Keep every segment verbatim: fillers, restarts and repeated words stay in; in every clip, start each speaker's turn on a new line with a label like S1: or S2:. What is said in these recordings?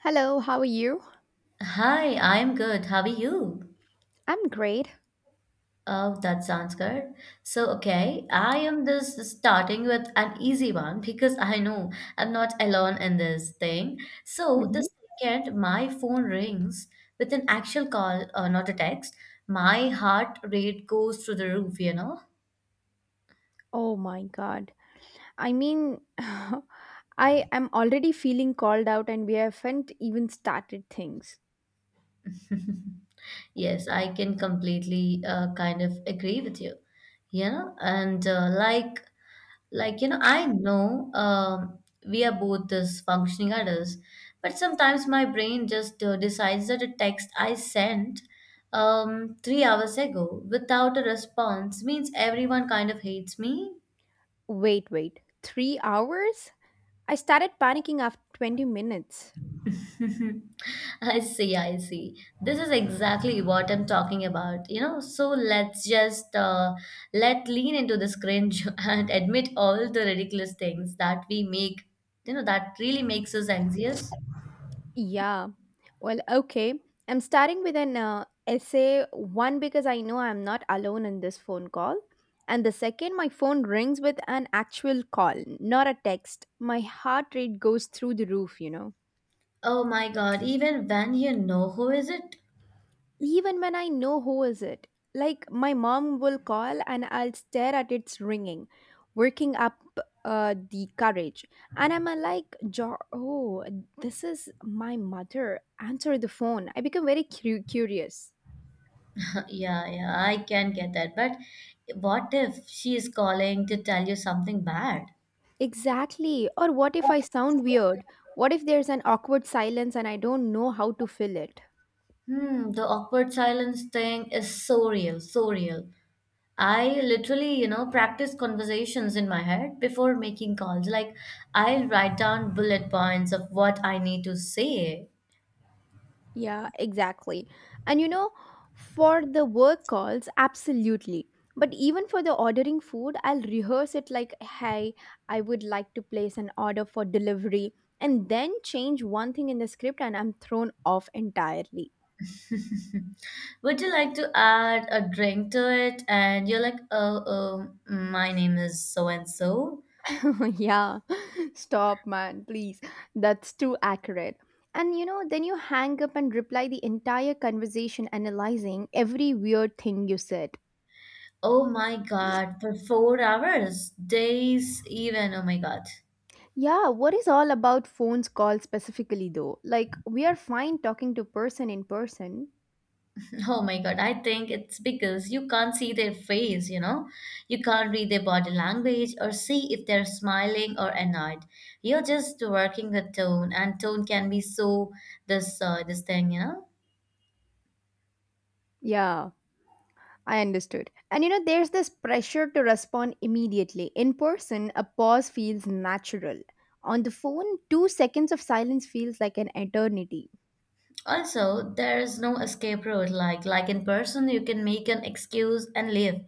S1: Hello, how are you?
S2: Hi, I'm good. How are you?
S1: I'm great.
S2: Oh, that sounds good. So, okay, I am just starting with an easy one because I know I'm not alone in this thing. So, the
S1: Mhm.
S2: second my phone rings with an actual call, uh, not a text, my heart rate goes through the roof, you know?
S1: Oh my God. I mean, I am already feeling called out and we haven't even started things.
S2: Yes, I can completely uh, kind of agree with you. You know, and uh, like Like, you know, I know um, we are both this functioning adults, but sometimes my brain just uh, decides that a text I sent um, three hours ago without a response means everyone kind of hates me.
S1: Wait, wait. Three hours? I started panicking after twenty minutes.
S2: I see, I see. This is exactly what I'm talking about, you know. So let's just uh, let lean into this cringe and admit all the ridiculous things that we make, you know, that really makes us anxious.
S1: Yeah. Well, okay. I'm starting with an uh, essay. One, because I know I'm not alone in this phone call. And the second, my phone rings with an actual call, not a text. My heart rate goes through the roof, you know.
S2: Oh my God, even when you know who is it?
S1: Even when I know who is it. Like my mom will call and I'll stare at its ringing, working up uh, the courage. And I'm uh, like, "Jo- oh, this is my mother. Answer the phone. I become very cu- curious.
S2: Yeah, yeah, I can get that. But what if she is calling to tell you something bad?
S1: Exactly. Or what if I sound weird? What if there's an awkward silence and I don't know how to fill it?
S2: Hmm, the awkward silence thing is so real, so real. I literally, you know, practice conversations in my head before making calls. Like, I'll write down bullet points of what I need to say.
S1: Yeah, exactly. And you know, for the work calls, absolutely. But even for the ordering food, I'll rehearse it like, hey, I would like to place an order for delivery, and then change one thing in the script, and I'm thrown off entirely.
S2: Would you like to add a drink to it? And you're like, oh, oh, my name is so and so.
S1: Yeah, stop, man, please. That's too accurate. And you know, then you hang up and reply the entire conversation, analyzing every weird thing you said.
S2: Oh my God, for four hours, days even. Oh my God.
S1: Yeah, what is all about phones call specifically though? Like we are fine talking to person in person.
S2: Oh my God, I think it's because you can't see their face, you know? You can't read their body language or see if they're smiling or annoyed. You're just working with tone, and tone can be so this uh, this thing, you know?
S1: Yeah, I understood. And you know there's this pressure to respond immediately. In person, a pause feels natural. On the phone, two seconds of silence feels like an eternity.
S2: Also, there is no escape route. Like like in person, you can make an excuse and leave,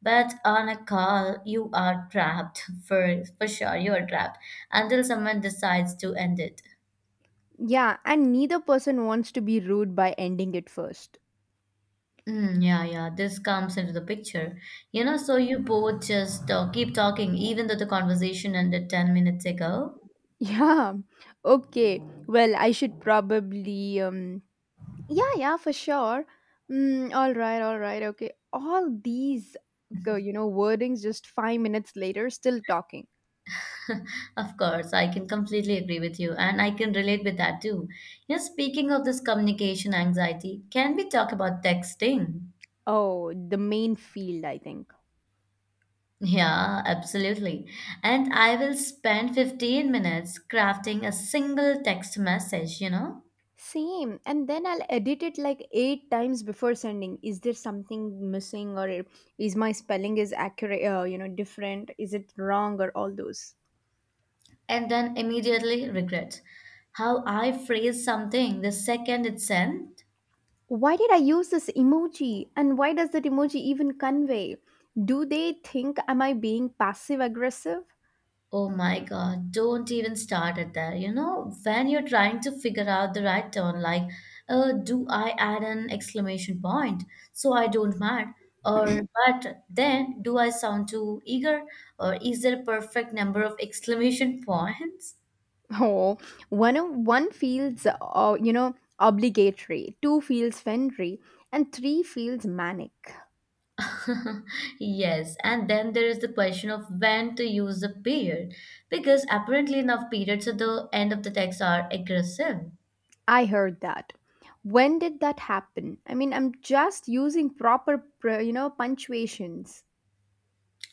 S2: but on a call, you are trapped for for sure. You are trapped until someone decides to end it.
S1: Yeah, and neither person wants to be rude by ending it first.
S2: Mm, yeah, yeah, this comes into the picture. You know, so you both just uh, keep talking, even though the conversation ended ten minutes ago.
S1: Yeah. Okay. Well, I should probably um yeah, yeah, for sure. Mm, all right, all right, okay. All these, go- you know, wordings just five minutes later, still talking.
S2: Of course, I can completely agree with you, and I can relate with that too. You know, speaking of this communication anxiety, can we talk about texting?
S1: Oh, the main field, I think.
S2: Yeah, absolutely. And I will spend fifteen minutes crafting a single text message, you know,
S1: Same. And then I'll edit it like eight times before sending. Is there something missing, or is my spelling is accurate, uh, you know, different? Is it wrong or all those?
S2: and then immediately regret how I phrase something the second it's sent.
S1: Why did I use this emoji? And why does that emoji even convey? Do they think am I being passive aggressive?
S2: Oh my God, don't even start at that. You know, when you're trying to figure out the right tone, like, uh, do I add an exclamation point so I don't mad? Or, but then do I sound too eager? Or is there a perfect number of exclamation points?
S1: Oh, one of- one feels uh, you know obligatory, two feels friendly, and three feels manic.
S2: Yes, and then there is the question of when to use the period, because apparently enough periods at the end of the text are aggressive.
S1: I heard that. When did that happen? I mean, I'm just using proper pr- you know punctuations.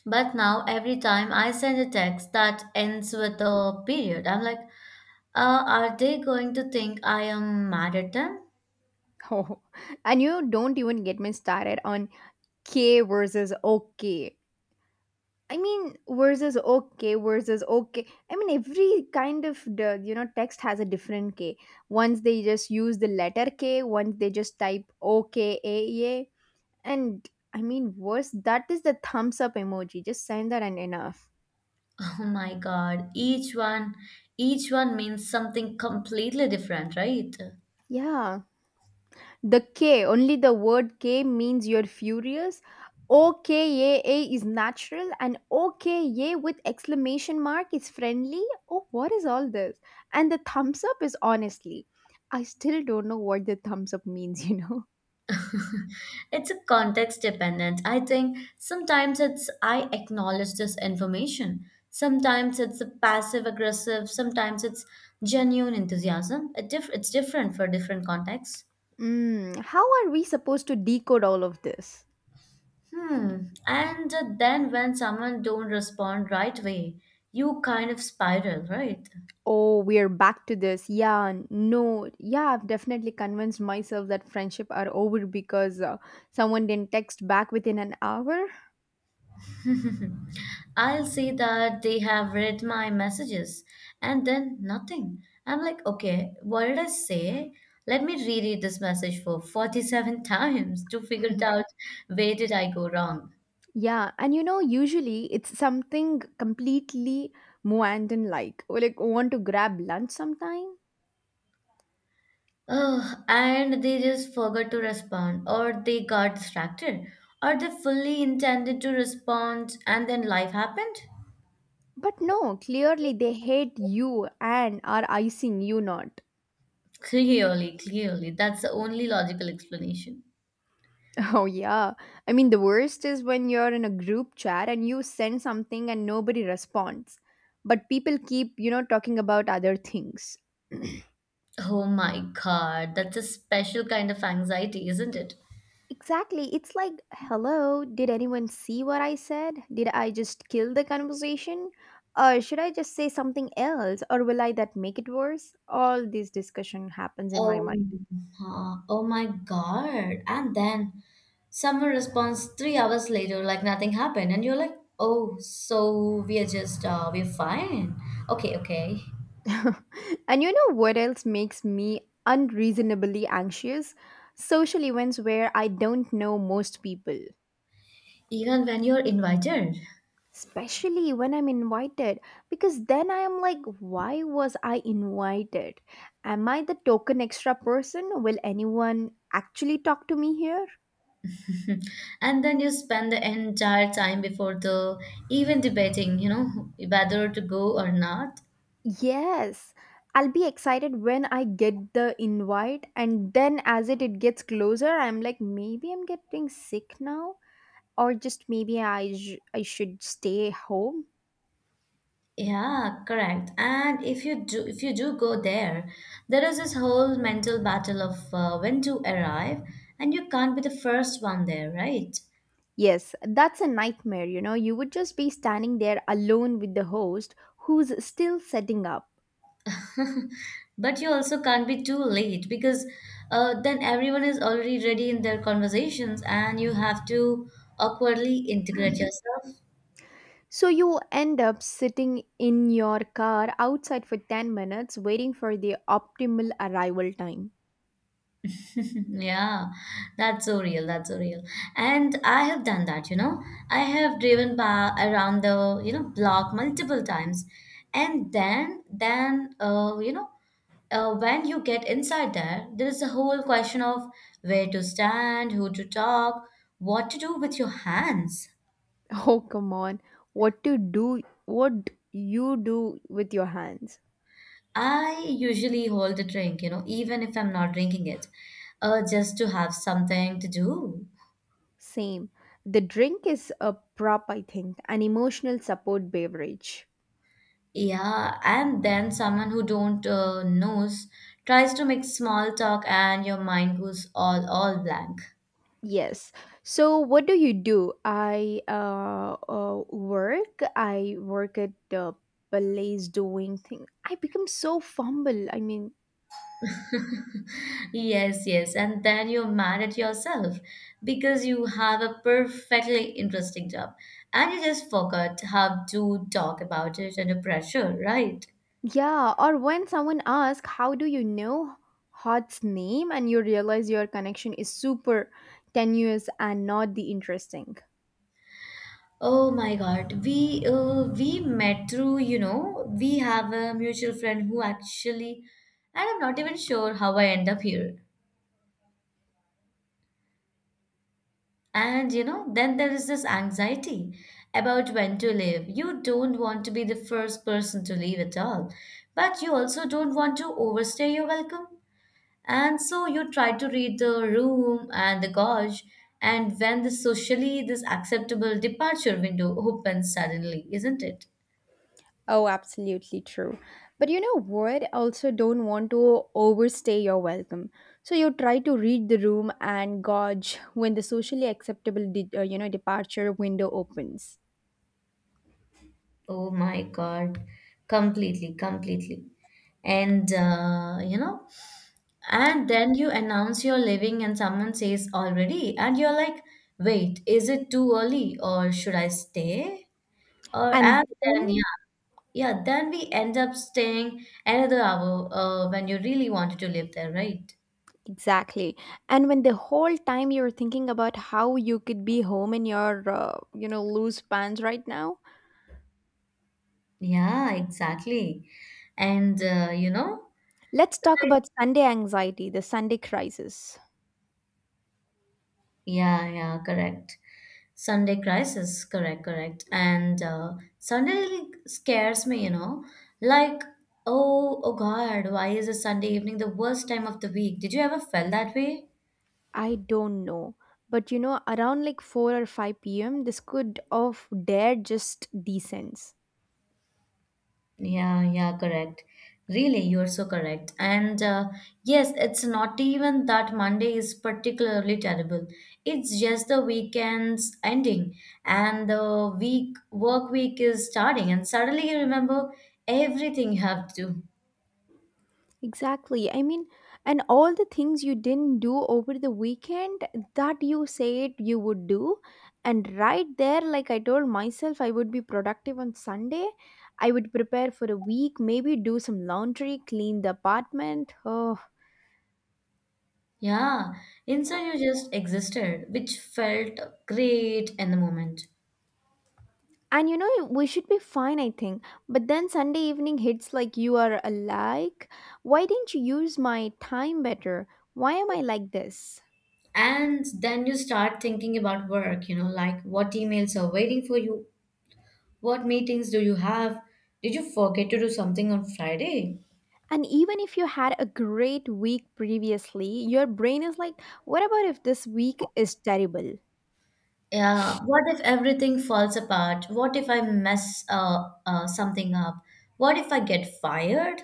S2: But now every time I send a text that ends with a period, I'm like, uh, are they going to think I am mad at them?
S1: Oh, and you don't even get me started on K versus OK. I mean, versus okay, versus okay. I mean, every kind of the you know text has a different K. Once they just use the letter K, once they just type okay, a, a. And I mean, worse that is the thumbs up emoji. Just send that and enough.
S2: Oh my God, each one, each one means something completely different, right?
S1: Yeah, the K, only the word K means you're furious. O K A A is natural and O K A with exclamation mark is friendly. Oh, what is all this? And the thumbs up is honestly. I still don't know what the thumbs up means. you know.
S2: it's a context dependent. I think sometimes it's I acknowledge this information. Sometimes it's a passive aggressive. Sometimes it's genuine enthusiasm. It diff- it's different for different contexts.
S1: Mm, how are we supposed to decode all of this?
S2: Hmm. And then when someone don't respond right way, you kind of spiral, right?
S1: Oh, we're back to this. Yeah, no. Yeah, I've definitely convinced myself that friendship are over because uh, someone didn't text back within an hour.
S2: I'll see that they have read my messages and then nothing. I'm like, okay, what did I say? Let me reread this message for forty-seven times to figure it out where did I go wrong.
S1: Yeah, and you know, usually it's something completely Muandan, like, oh, like, want to grab lunch sometime?
S2: Oh, and they just forgot to respond, or they got distracted, or they fully intended to respond and then life happened.
S1: But no, clearly they hate you and are icing you not.
S2: Clearly, clearly, that's the only logical explanation.
S1: Oh, yeah. I mean, the worst is when you're in a group chat and you send something and nobody responds. But people keep, you know, talking about other things.
S2: Oh my God, that's a special kind of anxiety, isn't it?
S1: Exactly. It's like, hello, did anyone see what I said? Did I just kill the conversation? Or should I just say something else? Or will I that make it worse? All this discussion happens in my mind.
S2: Oh, huh. Oh my God. And then someone responds three hours later like nothing happened. And you're like, oh, so we are just, uh, we're fine. Okay, okay.
S1: And you know what else makes me unreasonably anxious? Social events where I don't know most people.
S2: Even when you're invited.
S1: Especially when I'm invited, because then I am like, why was I invited? Am I the token extra person? Will anyone actually talk to me here?
S2: and then you spend the entire time before the even debating, you know, whether to go or not.
S1: Yes, I'll be excited when I get the invite, and then as it, it gets closer, I'm like, maybe I'm getting sick now, or just maybe i sh- i should stay home.
S2: Yeah, correct. And if you do, if you do go there, there is this whole mental battle of uh, when to arrive, and you can't be the first one there, right?
S1: Yes, that's a nightmare. You know, you would just be standing there alone with the host who's still setting up.
S2: But you also can't be too late because uh, then everyone is already ready in their conversations, and you have to awkwardly integrate yourself
S1: So you end up sitting in your car outside for ten minutes waiting for the optimal arrival time.
S2: Yeah, that's so real. That's so real. And I have done that, you know. I have driven by around the, you know, block multiple times. And then, then, uh, you know, uh, when you get inside there, there is a whole question of where to stand, who to talk, what to do with your hands.
S1: Oh, come on. What to do? What you do with your hands?
S2: I usually hold a drink, you know, even if I'm not drinking it, uh, just to have something to do.
S1: Same. The drink is a prop, I think, an emotional support beverage.
S2: Yeah, and then someone who don't uh, knows tries to make small talk and your mind goes all all blank.
S1: Yes. So what do you do? I uh, uh work. I work. At the place doing thing. I become so fumble. I mean,
S2: Yes, yes, and then you're mad at yourself because you have a perfectly interesting job and you just forgot how to talk about it under pressure, right?
S1: yeah, or when someone asks, how do you know Hot's name? And you realize your connection is super tenuous and not the interesting.
S2: Oh my God, we uh, we met through, you know, we have a mutual friend who actually, and I'm not even sure how I end up here. And you know, then there is this anxiety about when to leave. You don't want to be the first person to leave at all, but you also don't want to overstay your welcome. And so you try to read the room and the gauge, and when the socially this acceptable departure window opens suddenly, isn't it?
S1: Oh, absolutely true. But you know what? Also, don't want to overstay your welcome. So you try to read the room and gauge when the socially acceptable, de- uh, you know, departure window opens.
S2: Oh my God. Completely, completely. And, uh, you know, and then you announce you're leaving and someone says already, and you're like, wait, is it too early or should I stay? Or,
S1: And
S2: and then,
S1: then
S2: yeah, yeah, then we end up staying another hour uh, when you really wanted to live there, right?
S1: exactly, and when the whole time you're thinking about how you could be home in your, uh, you know, loose pants right now.
S2: Yeah, exactly. And, uh, you know,
S1: Let's talk
S2: like,
S1: about Sunday anxiety, the Sunday crisis.
S2: yeah, yeah, correct. Sunday crisis, correct, correct. And uh, Sunday really scares me, you know. Like, oh, oh God, why is a Sunday evening the worst time of the week? Did you ever felt that way?
S1: I don't know. But you know, around like four or five p m, this could of dare just descends.
S2: Yeah, yeah, correct. Really, you're so correct. And uh, yes, it's not even that Monday is particularly terrible. It's just the weekend's ending and the week work week is starting, and suddenly you remember everything you have to do.
S1: Exactly. I mean, and all the things you didn't do over the weekend that you said you would do. And right there, like I told myself, I would be productive on Sunday. I would prepare for a week, maybe do some laundry, clean the apartment. Oh,
S2: Yeah, instead you just existed, which felt great in the moment.
S1: and you know, we should be fine, I think. But then Sunday evening hits like you are alike. Why didn't you use my time better? Why am I like this?
S2: And then you start thinking about work, you know, like what emails are waiting for you, what meetings do you have, did you forget to do something on Friday?
S1: And even if you had a great week previously, your brain is like, what about if this week is terrible?
S2: Yeah, what if everything falls apart? What if I mess uh, uh, something up? What if I get fired?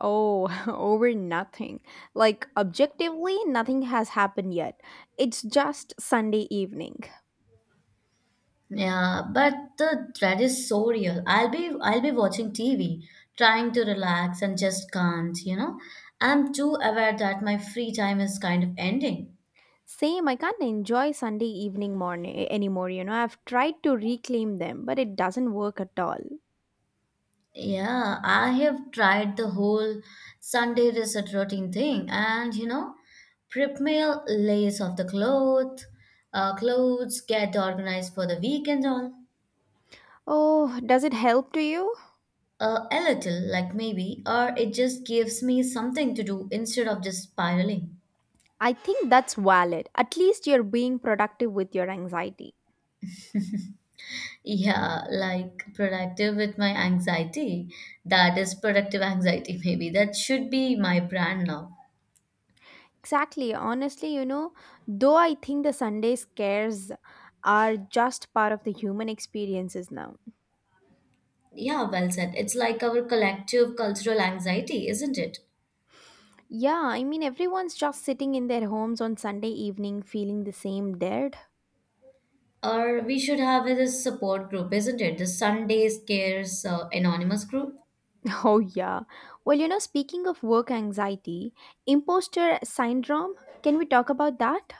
S1: Oh, over nothing. Like, objectively, nothing has happened yet. It's just Sunday evening.
S2: Yeah, but the dread is so real. I'll be I'll be watching T V, trying to relax and just can't, you know. I'm too aware that my free time is kind of ending.
S1: Same, I can't enjoy Sunday evening morning anymore, you know. I've tried to reclaim them, but it doesn't work at all.
S2: Yeah, I have tried the whole Sunday reset routine thing and you know, prep meal, lace off the cloth, uh, clothes, get organized for the week and all.
S1: Oh, does it help to you?
S2: Uh, a little, like maybe, or it just gives me something to do instead of just spiraling.
S1: I think that's valid. At least you're being productive with your anxiety.
S2: Yeah, like productive with my anxiety. That is productive anxiety, maybe. That should be my brand now.
S1: Exactly. Honestly, you know, though I think the Sunday scares are just part of the human experiences now.
S2: Yeah, well said. It's like our collective cultural anxiety, isn't it?
S1: Yeah, I mean, everyone's just sitting in their homes on Sunday evening feeling the same dead.
S2: Or we should have this support group, isn't it? The Sunday Scares uh, Anonymous group.
S1: Oh, yeah. Well, you know, speaking of work anxiety, imposter syndrome, can we talk about that?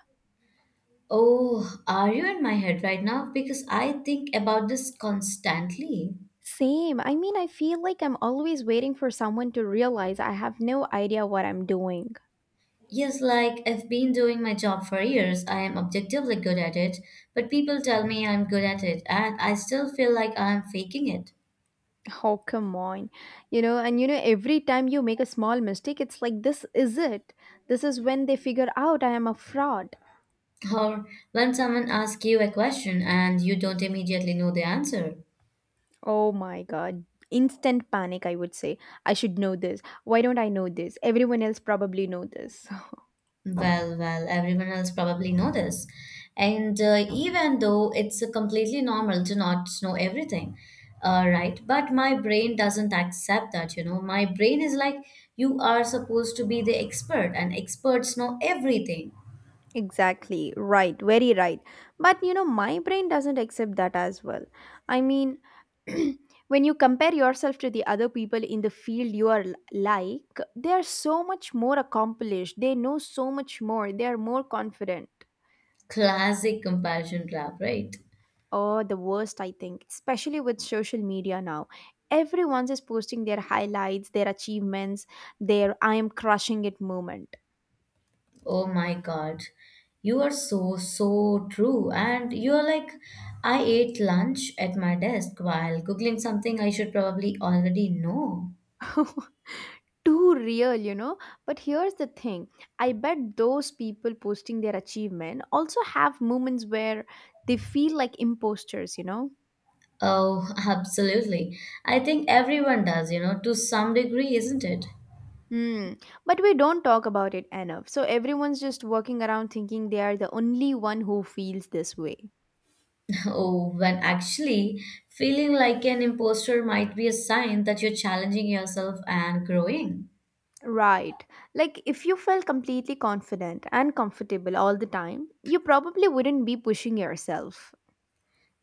S2: Oh, are you in my head right now? Because I think about this constantly.
S1: Same. I mean, I feel like I'm always waiting for someone to realize I have no idea what I'm doing.
S2: Yes, like I've been doing my job for years. I am objectively good at it, but people tell me I'm good at it, and I still feel like I'm faking it.
S1: Oh, come on. You know, and you know, every time you make a small mistake, it's like, this is it. This is when they figure out I am a fraud.
S2: Or when someone asks you a question and you don't immediately know the answer.
S1: Oh my God. Instant panic, I would say. I should know this. Why don't I know this? Everyone else probably know this.
S2: Well, well, everyone else probably know this. And uh, even though it's uh, completely normal to not know everything, uh, right? But my brain doesn't accept that, you know. My brain is like, you are supposed to be the expert, and experts know everything.
S1: Exactly, right, very right. But you know, my brain doesn't accept that as well. I mean, when you compare yourself to the other people in the field you are l- like, they are so much more accomplished, they know so much more, they are more confident.
S2: Classic comparison trap, right?
S1: Or the worst, I think, especially with social media now. Everyone's is posting their highlights, their achievements, their I am crushing it moment.
S2: Oh my God. You are so, so true. And you're like, I ate lunch at my desk while googling something I should probably already know.
S1: Too real, you know. But here's the thing, I bet those people posting their achievement also have moments where they feel like imposters, you know.
S2: Oh, absolutely. I think everyone does, you know, to some degree, isn't it?
S1: Hmm. But we don't talk about it enough. So everyone's just walking around thinking they are the only one who feels this way.
S2: Oh, when actually feeling like an imposter might be a sign that you're challenging yourself and growing.
S1: Right. Like, if you felt completely confident and comfortable all the time, you probably wouldn't be pushing yourself.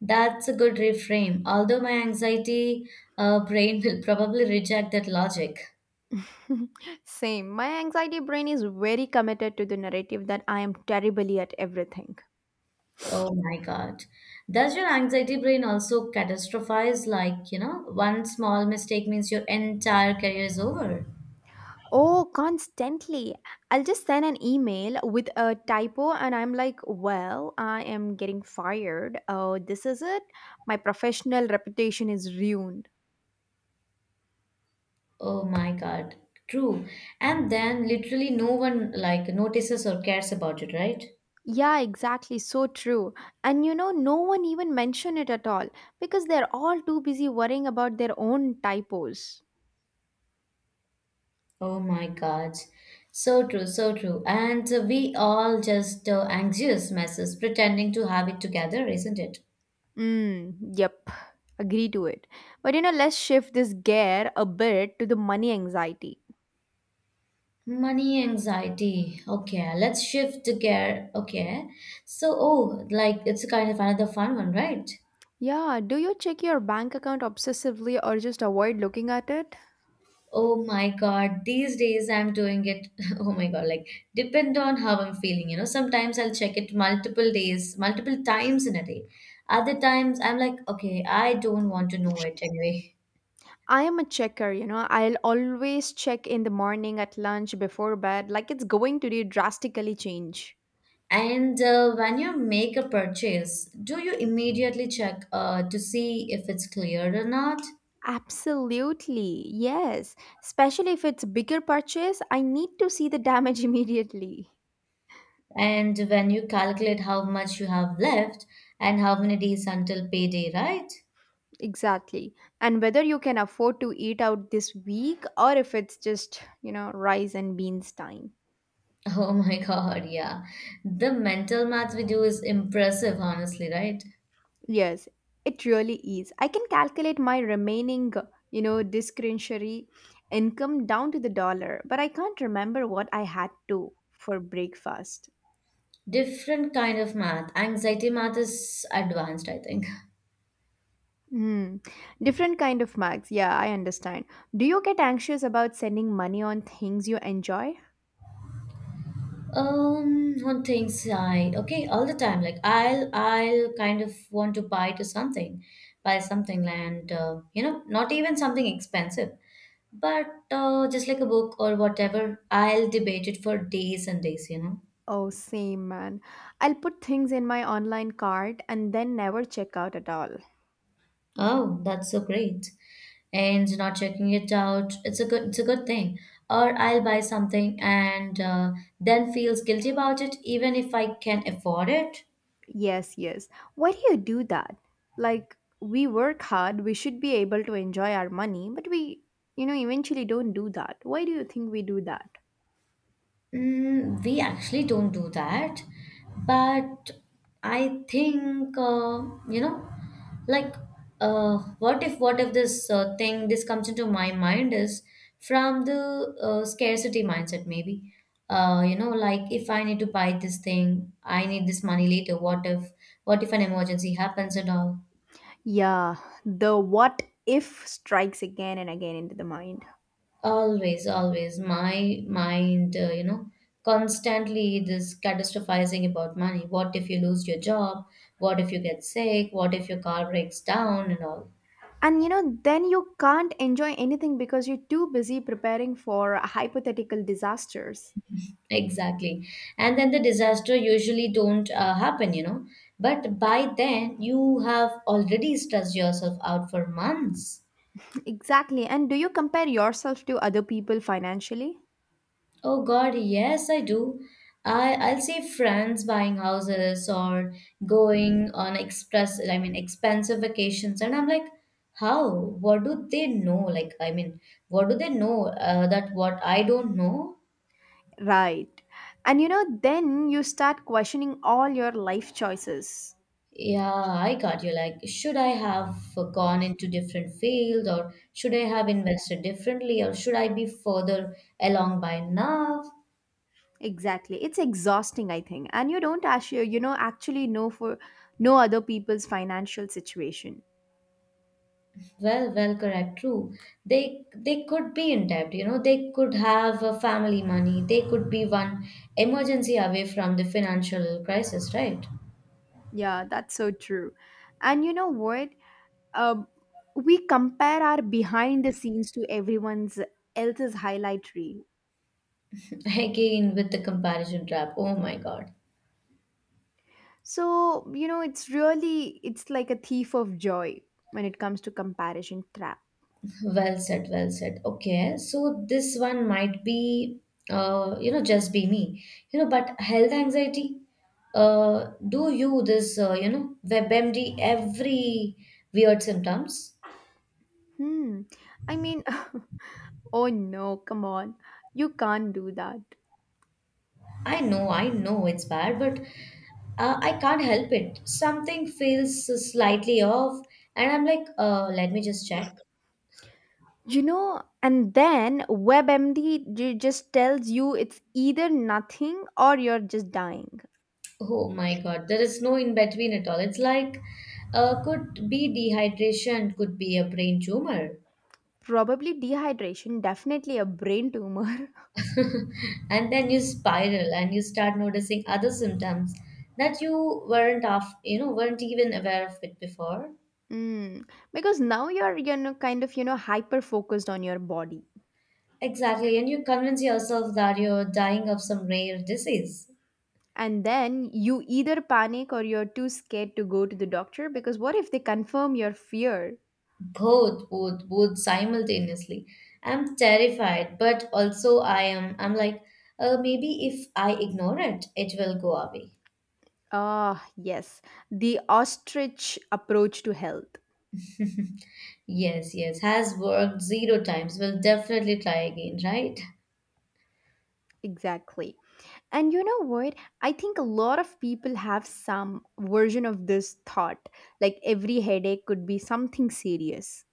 S2: That's a good reframe, although my anxiety uh, brain will probably reject that logic.
S1: Same. My anxiety brain is very committed to the narrative that I am terribly at everything.
S2: Oh my God. Does your anxiety brain also catastrophize? Like, you know, one small mistake means your entire career is over.
S1: Oh, constantly. I'll just send an email with a typo and I'm like, well, I am getting fired. Oh, this is it. My professional reputation is ruined.
S2: Oh my God. True. And then literally no one like notices or cares about it, right?
S1: Yeah, exactly. So true. And you know, no one even mentioned it at all because they're all too busy worrying about their own typos.
S2: Oh my God. So true, so true. And uh, we all just uh, anxious messes pretending to have it together, isn't it?
S1: Mm, yep. Agree to it. But you know, let's shift this gear a bit to the money anxiety.
S2: Money anxiety. Okay, let's shift to gear. Okay. So, oh, like it's kind of another fun one, right?
S1: Yeah, do you check your bank account obsessively or just avoid looking at it?
S2: Oh my God, these days I'm doing it. Oh my God, like depend on how I'm feeling. You know, sometimes I'll check it multiple days, multiple times in a day. Other times I'm like, okay, I don't want to know it anyway.
S1: I am a checker, you know. I'll always check in the morning, at lunch, before bed, like it's going to do drastically change.
S2: And uh, when you make a purchase, do you immediately check uh, to see if it's cleared or not?
S1: Absolutely, yes. Especially if it's bigger purchase, I need to see the damage immediately.
S2: And when you calculate how much you have left and how many days until payday, right?
S1: Exactly. And whether you can afford to eat out this week or if it's just, you know, rice and beans time.
S2: Oh my God, yeah. The mental math we do is impressive, honestly, right?
S1: Yes, it really is. I can calculate my remaining, you know, discretionary income down to the dollar, but I can't remember what I had to for breakfast.
S2: Different kind of math. Anxiety math is advanced, I think.
S1: Hmm. Different kind of marks. Yeah, I understand. Do you get anxious about sending money on things you enjoy?
S2: Um, on things side, okay, all the time. Like I'll, I'll kind of want to buy to something, buy something, and uh, you know, not even something expensive. But uh, just like a book or whatever, I'll debate it for days and days, you know.
S1: Oh, same man. I'll put things in my online cart and then never check out at all.
S2: Oh, that's so great. And not checking it out, it's a good, it's a good thing. Or I'll buy something and uh, then feels guilty about it, even if I can afford it.
S1: Yes, yes. Why do you do that? Like, we work hard, we should be able to enjoy our money, but we, you know, eventually don't do that. Why do you think we do that?
S2: Mm, we actually don't do that, but I think uh, you know, like, uh, what if what if this uh, thing this comes into my mind is from the uh, scarcity mindset maybe. Uh, you know, like if I need to buy this thing, I need this money later. What if what if an emergency happens and all?
S1: Yeah, the what if strikes again and again into the mind.
S2: Always, always. My mind, uh, you know, constantly this catastrophizing about money. What if you lose your job? What if you get sick? What if your car breaks down and all?
S1: And you know, then you can't enjoy anything because you're too busy preparing for hypothetical disasters.
S2: Exactly. And then the disaster usually don't uh, happen, you know. But by then, you have already stressed yourself out for months.
S1: Exactly. And do you compare yourself to other people financially?
S2: Oh God, yes, I do. I I'll see friends buying houses or going on express, I mean, expensive vacations, and I'm like, how? What do they know? Like, I mean, what do they know uh, that what I don't know?
S1: Right. And you know, then you start questioning all your life choices.
S2: Yeah, I got you. Like, should I have gone into different field, or should I have invested differently, or should I be further along by now?
S1: Exactly. It's exhausting, I think. And you don't actually, you know, actually know for no other people's financial situation.
S2: Well, well, correct, true. They they could be in debt, you know, they could have uh, family money, they could be one emergency away from the financial crisis, right?
S1: Yeah, that's so true. And you know what? Um, we compare our behind the scenes to everyone's else's highlight reel.
S2: Again, with the comparison trap. Oh my God.
S1: So, you know, it's really it's like a thief of joy when it comes to comparison trap.
S2: Well said, well said. Okay, so this one might be, uh, you know, just be me, you know, but health anxiety, uh, do you this, uh, you know, WebMD every weird symptoms?
S1: Hmm. I mean, oh no, come on. You can't do that.
S2: I know, I know it's bad, but uh, I can't help it. Something feels slightly off, and I'm like, uh, let me just check.
S1: You know, and then WebMD ju- just tells you it's either nothing or you're just dying.
S2: Oh my God, there is no in between at all. It's like, uh, could be dehydration, could be a brain tumor.
S1: Probably dehydration, definitely a brain tumor.
S2: And then you spiral and you start noticing other symptoms that you weren't off, you know, weren't even aware of it before.
S1: Mm, because now you're you know kind of you know hyper focused on your body.
S2: Exactly, and you convince yourself that you're dying of some rare disease.
S1: And then you either panic or you're too scared to go to the doctor because what if they confirm your fear?
S2: both both both simultaneously. I'm terrified but also i am i'm like, uh, maybe if I ignore it, it will go away.
S1: Ah, yes, the ostrich approach to health.
S2: Yes, yes, has worked zero times, will definitely try again, right?
S1: Exactly. And you know what? I think a lot of people have some version of this thought like every headache could be something serious.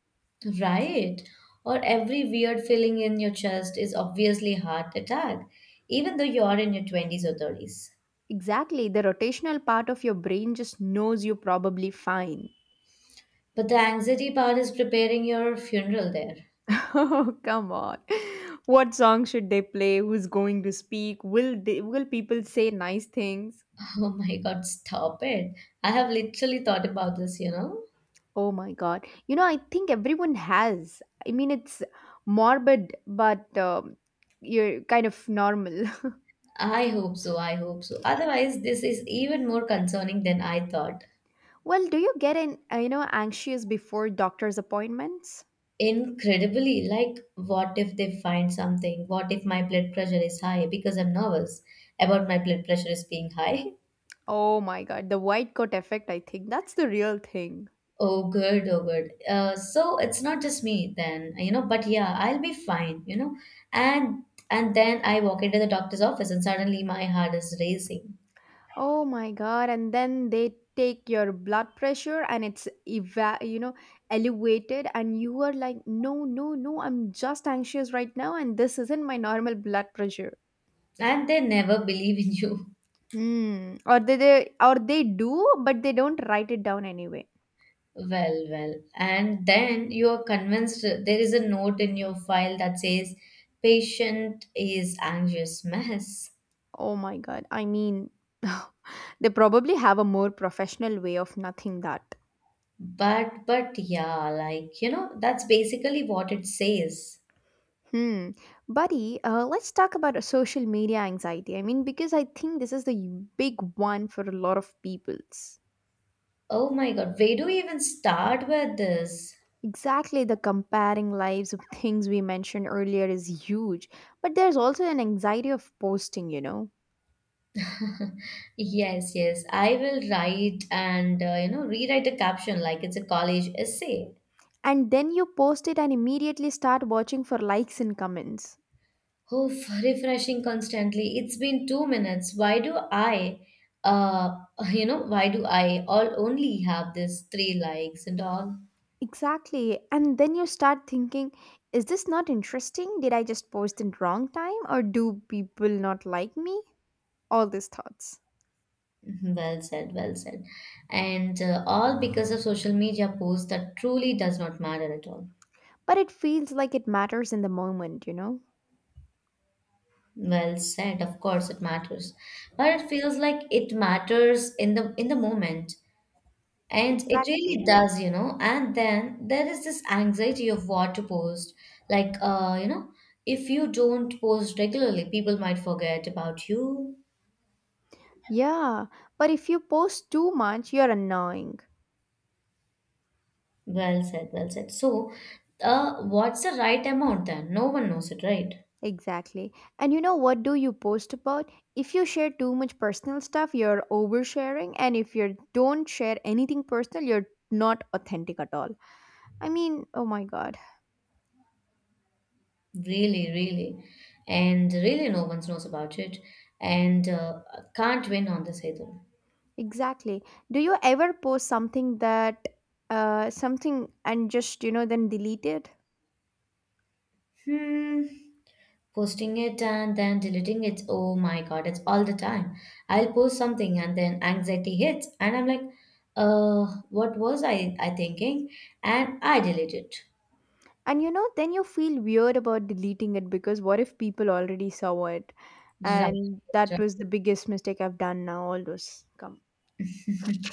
S2: Right, or every weird feeling in your chest is obviously heart attack, even though you're in your twenties or thirties.
S1: Exactly, the rotational part of your brain just knows you're probably fine.
S2: But the anxiety part is preparing your funeral there.
S1: Oh, come on. What song should they play? Who's going to speak? Will they, will people say nice things?
S2: Oh my god, stop it. I have literally thought about this, you know.
S1: Oh my god. You know, I think everyone has. I mean, it's morbid but um, you're kind of normal.
S2: I hope so. I hope so. Otherwise, this is even more concerning than I thought.
S1: Well, do you get an uh, you know anxious before doctor's appointments?
S2: Incredibly, like, what if they find something? What if my blood pressure is high because I'm nervous about my blood pressure is being high?
S1: Oh my god, the white coat effect, I think that's the real thing.
S2: Oh, good, oh, good. Uh, so it's not just me then, you know, but yeah, I'll be fine, you know. And and then I walk into the doctor's office and suddenly my heart is racing.
S1: Oh my god, and then they take your blood pressure and it's eva- you know elevated, and you are like, no, no, no, I'm just anxious right now, and this isn't my normal blood pressure.
S2: And they never believe in you.
S1: Hmm. Or they, they or they do, but they don't write it down anyway.
S2: Well, well. And then you are convinced there is a note in your file that says patient is anxious mess.
S1: Oh my god, I mean, they probably have a more professional way of nothing that.
S2: But but yeah, like you know, that's basically what it says.
S1: Hmm, buddy, uh, let's talk about a social media anxiety. I mean, because I think this is the big one for a lot of peoples.
S2: Oh my god, where do we even start with this?
S1: Exactly, the comparing lives of things we mentioned earlier is huge, but there's also an anxiety of posting, you know.
S2: Yes, yes. I will write and uh, you know, rewrite a caption like it's a college essay.
S1: And then you post it and immediately start watching for likes and comments.
S2: Oh, f- refreshing constantly. It's been two minutes. Why do I, uh, you know, why do I all only have this three likes and all?
S1: Exactly, and then you start thinking, is this not interesting? Did I just post in wrong time, or do people not like me? All these thoughts.
S2: Mhm. Well said, well said. And uh, all because of social media posts that truly does not matter at all.
S1: But it feels like it matters in the moment, you know?
S2: Well said. Of course, it matters, but it feels like it matters in the in the moment. And it
S1: Exactly.
S2: really does, you know. And then there is this anxiety of what to post. Like, uh, you know, if you don't post regularly, people might forget about you.
S1: Yeah, but if you post too much, you're annoying.
S2: Well said, well said. So, uh, what's the right amount then? No one knows it, right?
S1: Exactly. And you know what do you post about? If you share too much personal stuff, you're oversharing, and if you don't share anything personal, you're not authentic at all. I mean, oh my god.
S2: Really, really. And really, no one knows about it. And uh, can't win on this either.
S1: Exactly. Do you ever post something that uh something and just, you know, then delete it?
S2: Hmm. Posting it and then deleting it. Oh my god, it's all the time. I'll post something and then anxiety hits and I'm like, uh, what was I I thinking? And I delete it.
S1: And you know, then you feel weird about deleting it because what if people already saw it?
S2: Right.
S1: And that
S2: Right.
S1: was the biggest mistake I've done now, all those come.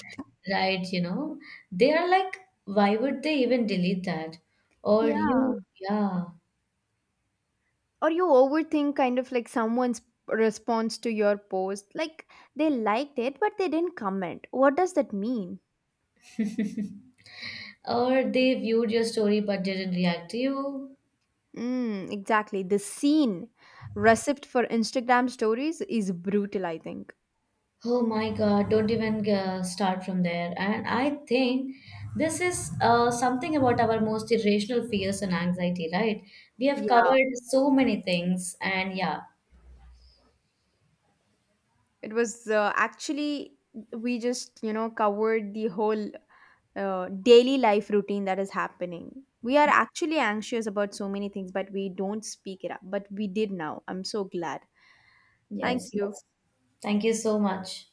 S2: Right, you know, they are like, why would they even delete that? Or
S1: Yeah.
S2: you, yeah.
S1: Or you overthink kind of like someone's response to your post. Like they liked it, but they didn't comment. What does that mean?
S2: Or they viewed your story but didn't react to you.
S1: Mm, exactly. The scene recipe for Instagram stories is brutal, I think.
S2: Oh my God, don't even uh, start from there. And I think this is uh, something about our most irrational fears and anxiety, right? We have
S1: Yeah.
S2: covered so many things, and yeah,
S1: It was uh, actually, we just, you know, covered the whole uh, daily life routine that is happening. We are actually anxious about so many things, but we don't speak it up. But we did now. I'm so glad. Thank
S2: yes,
S1: you.
S2: yes. Thank you so much.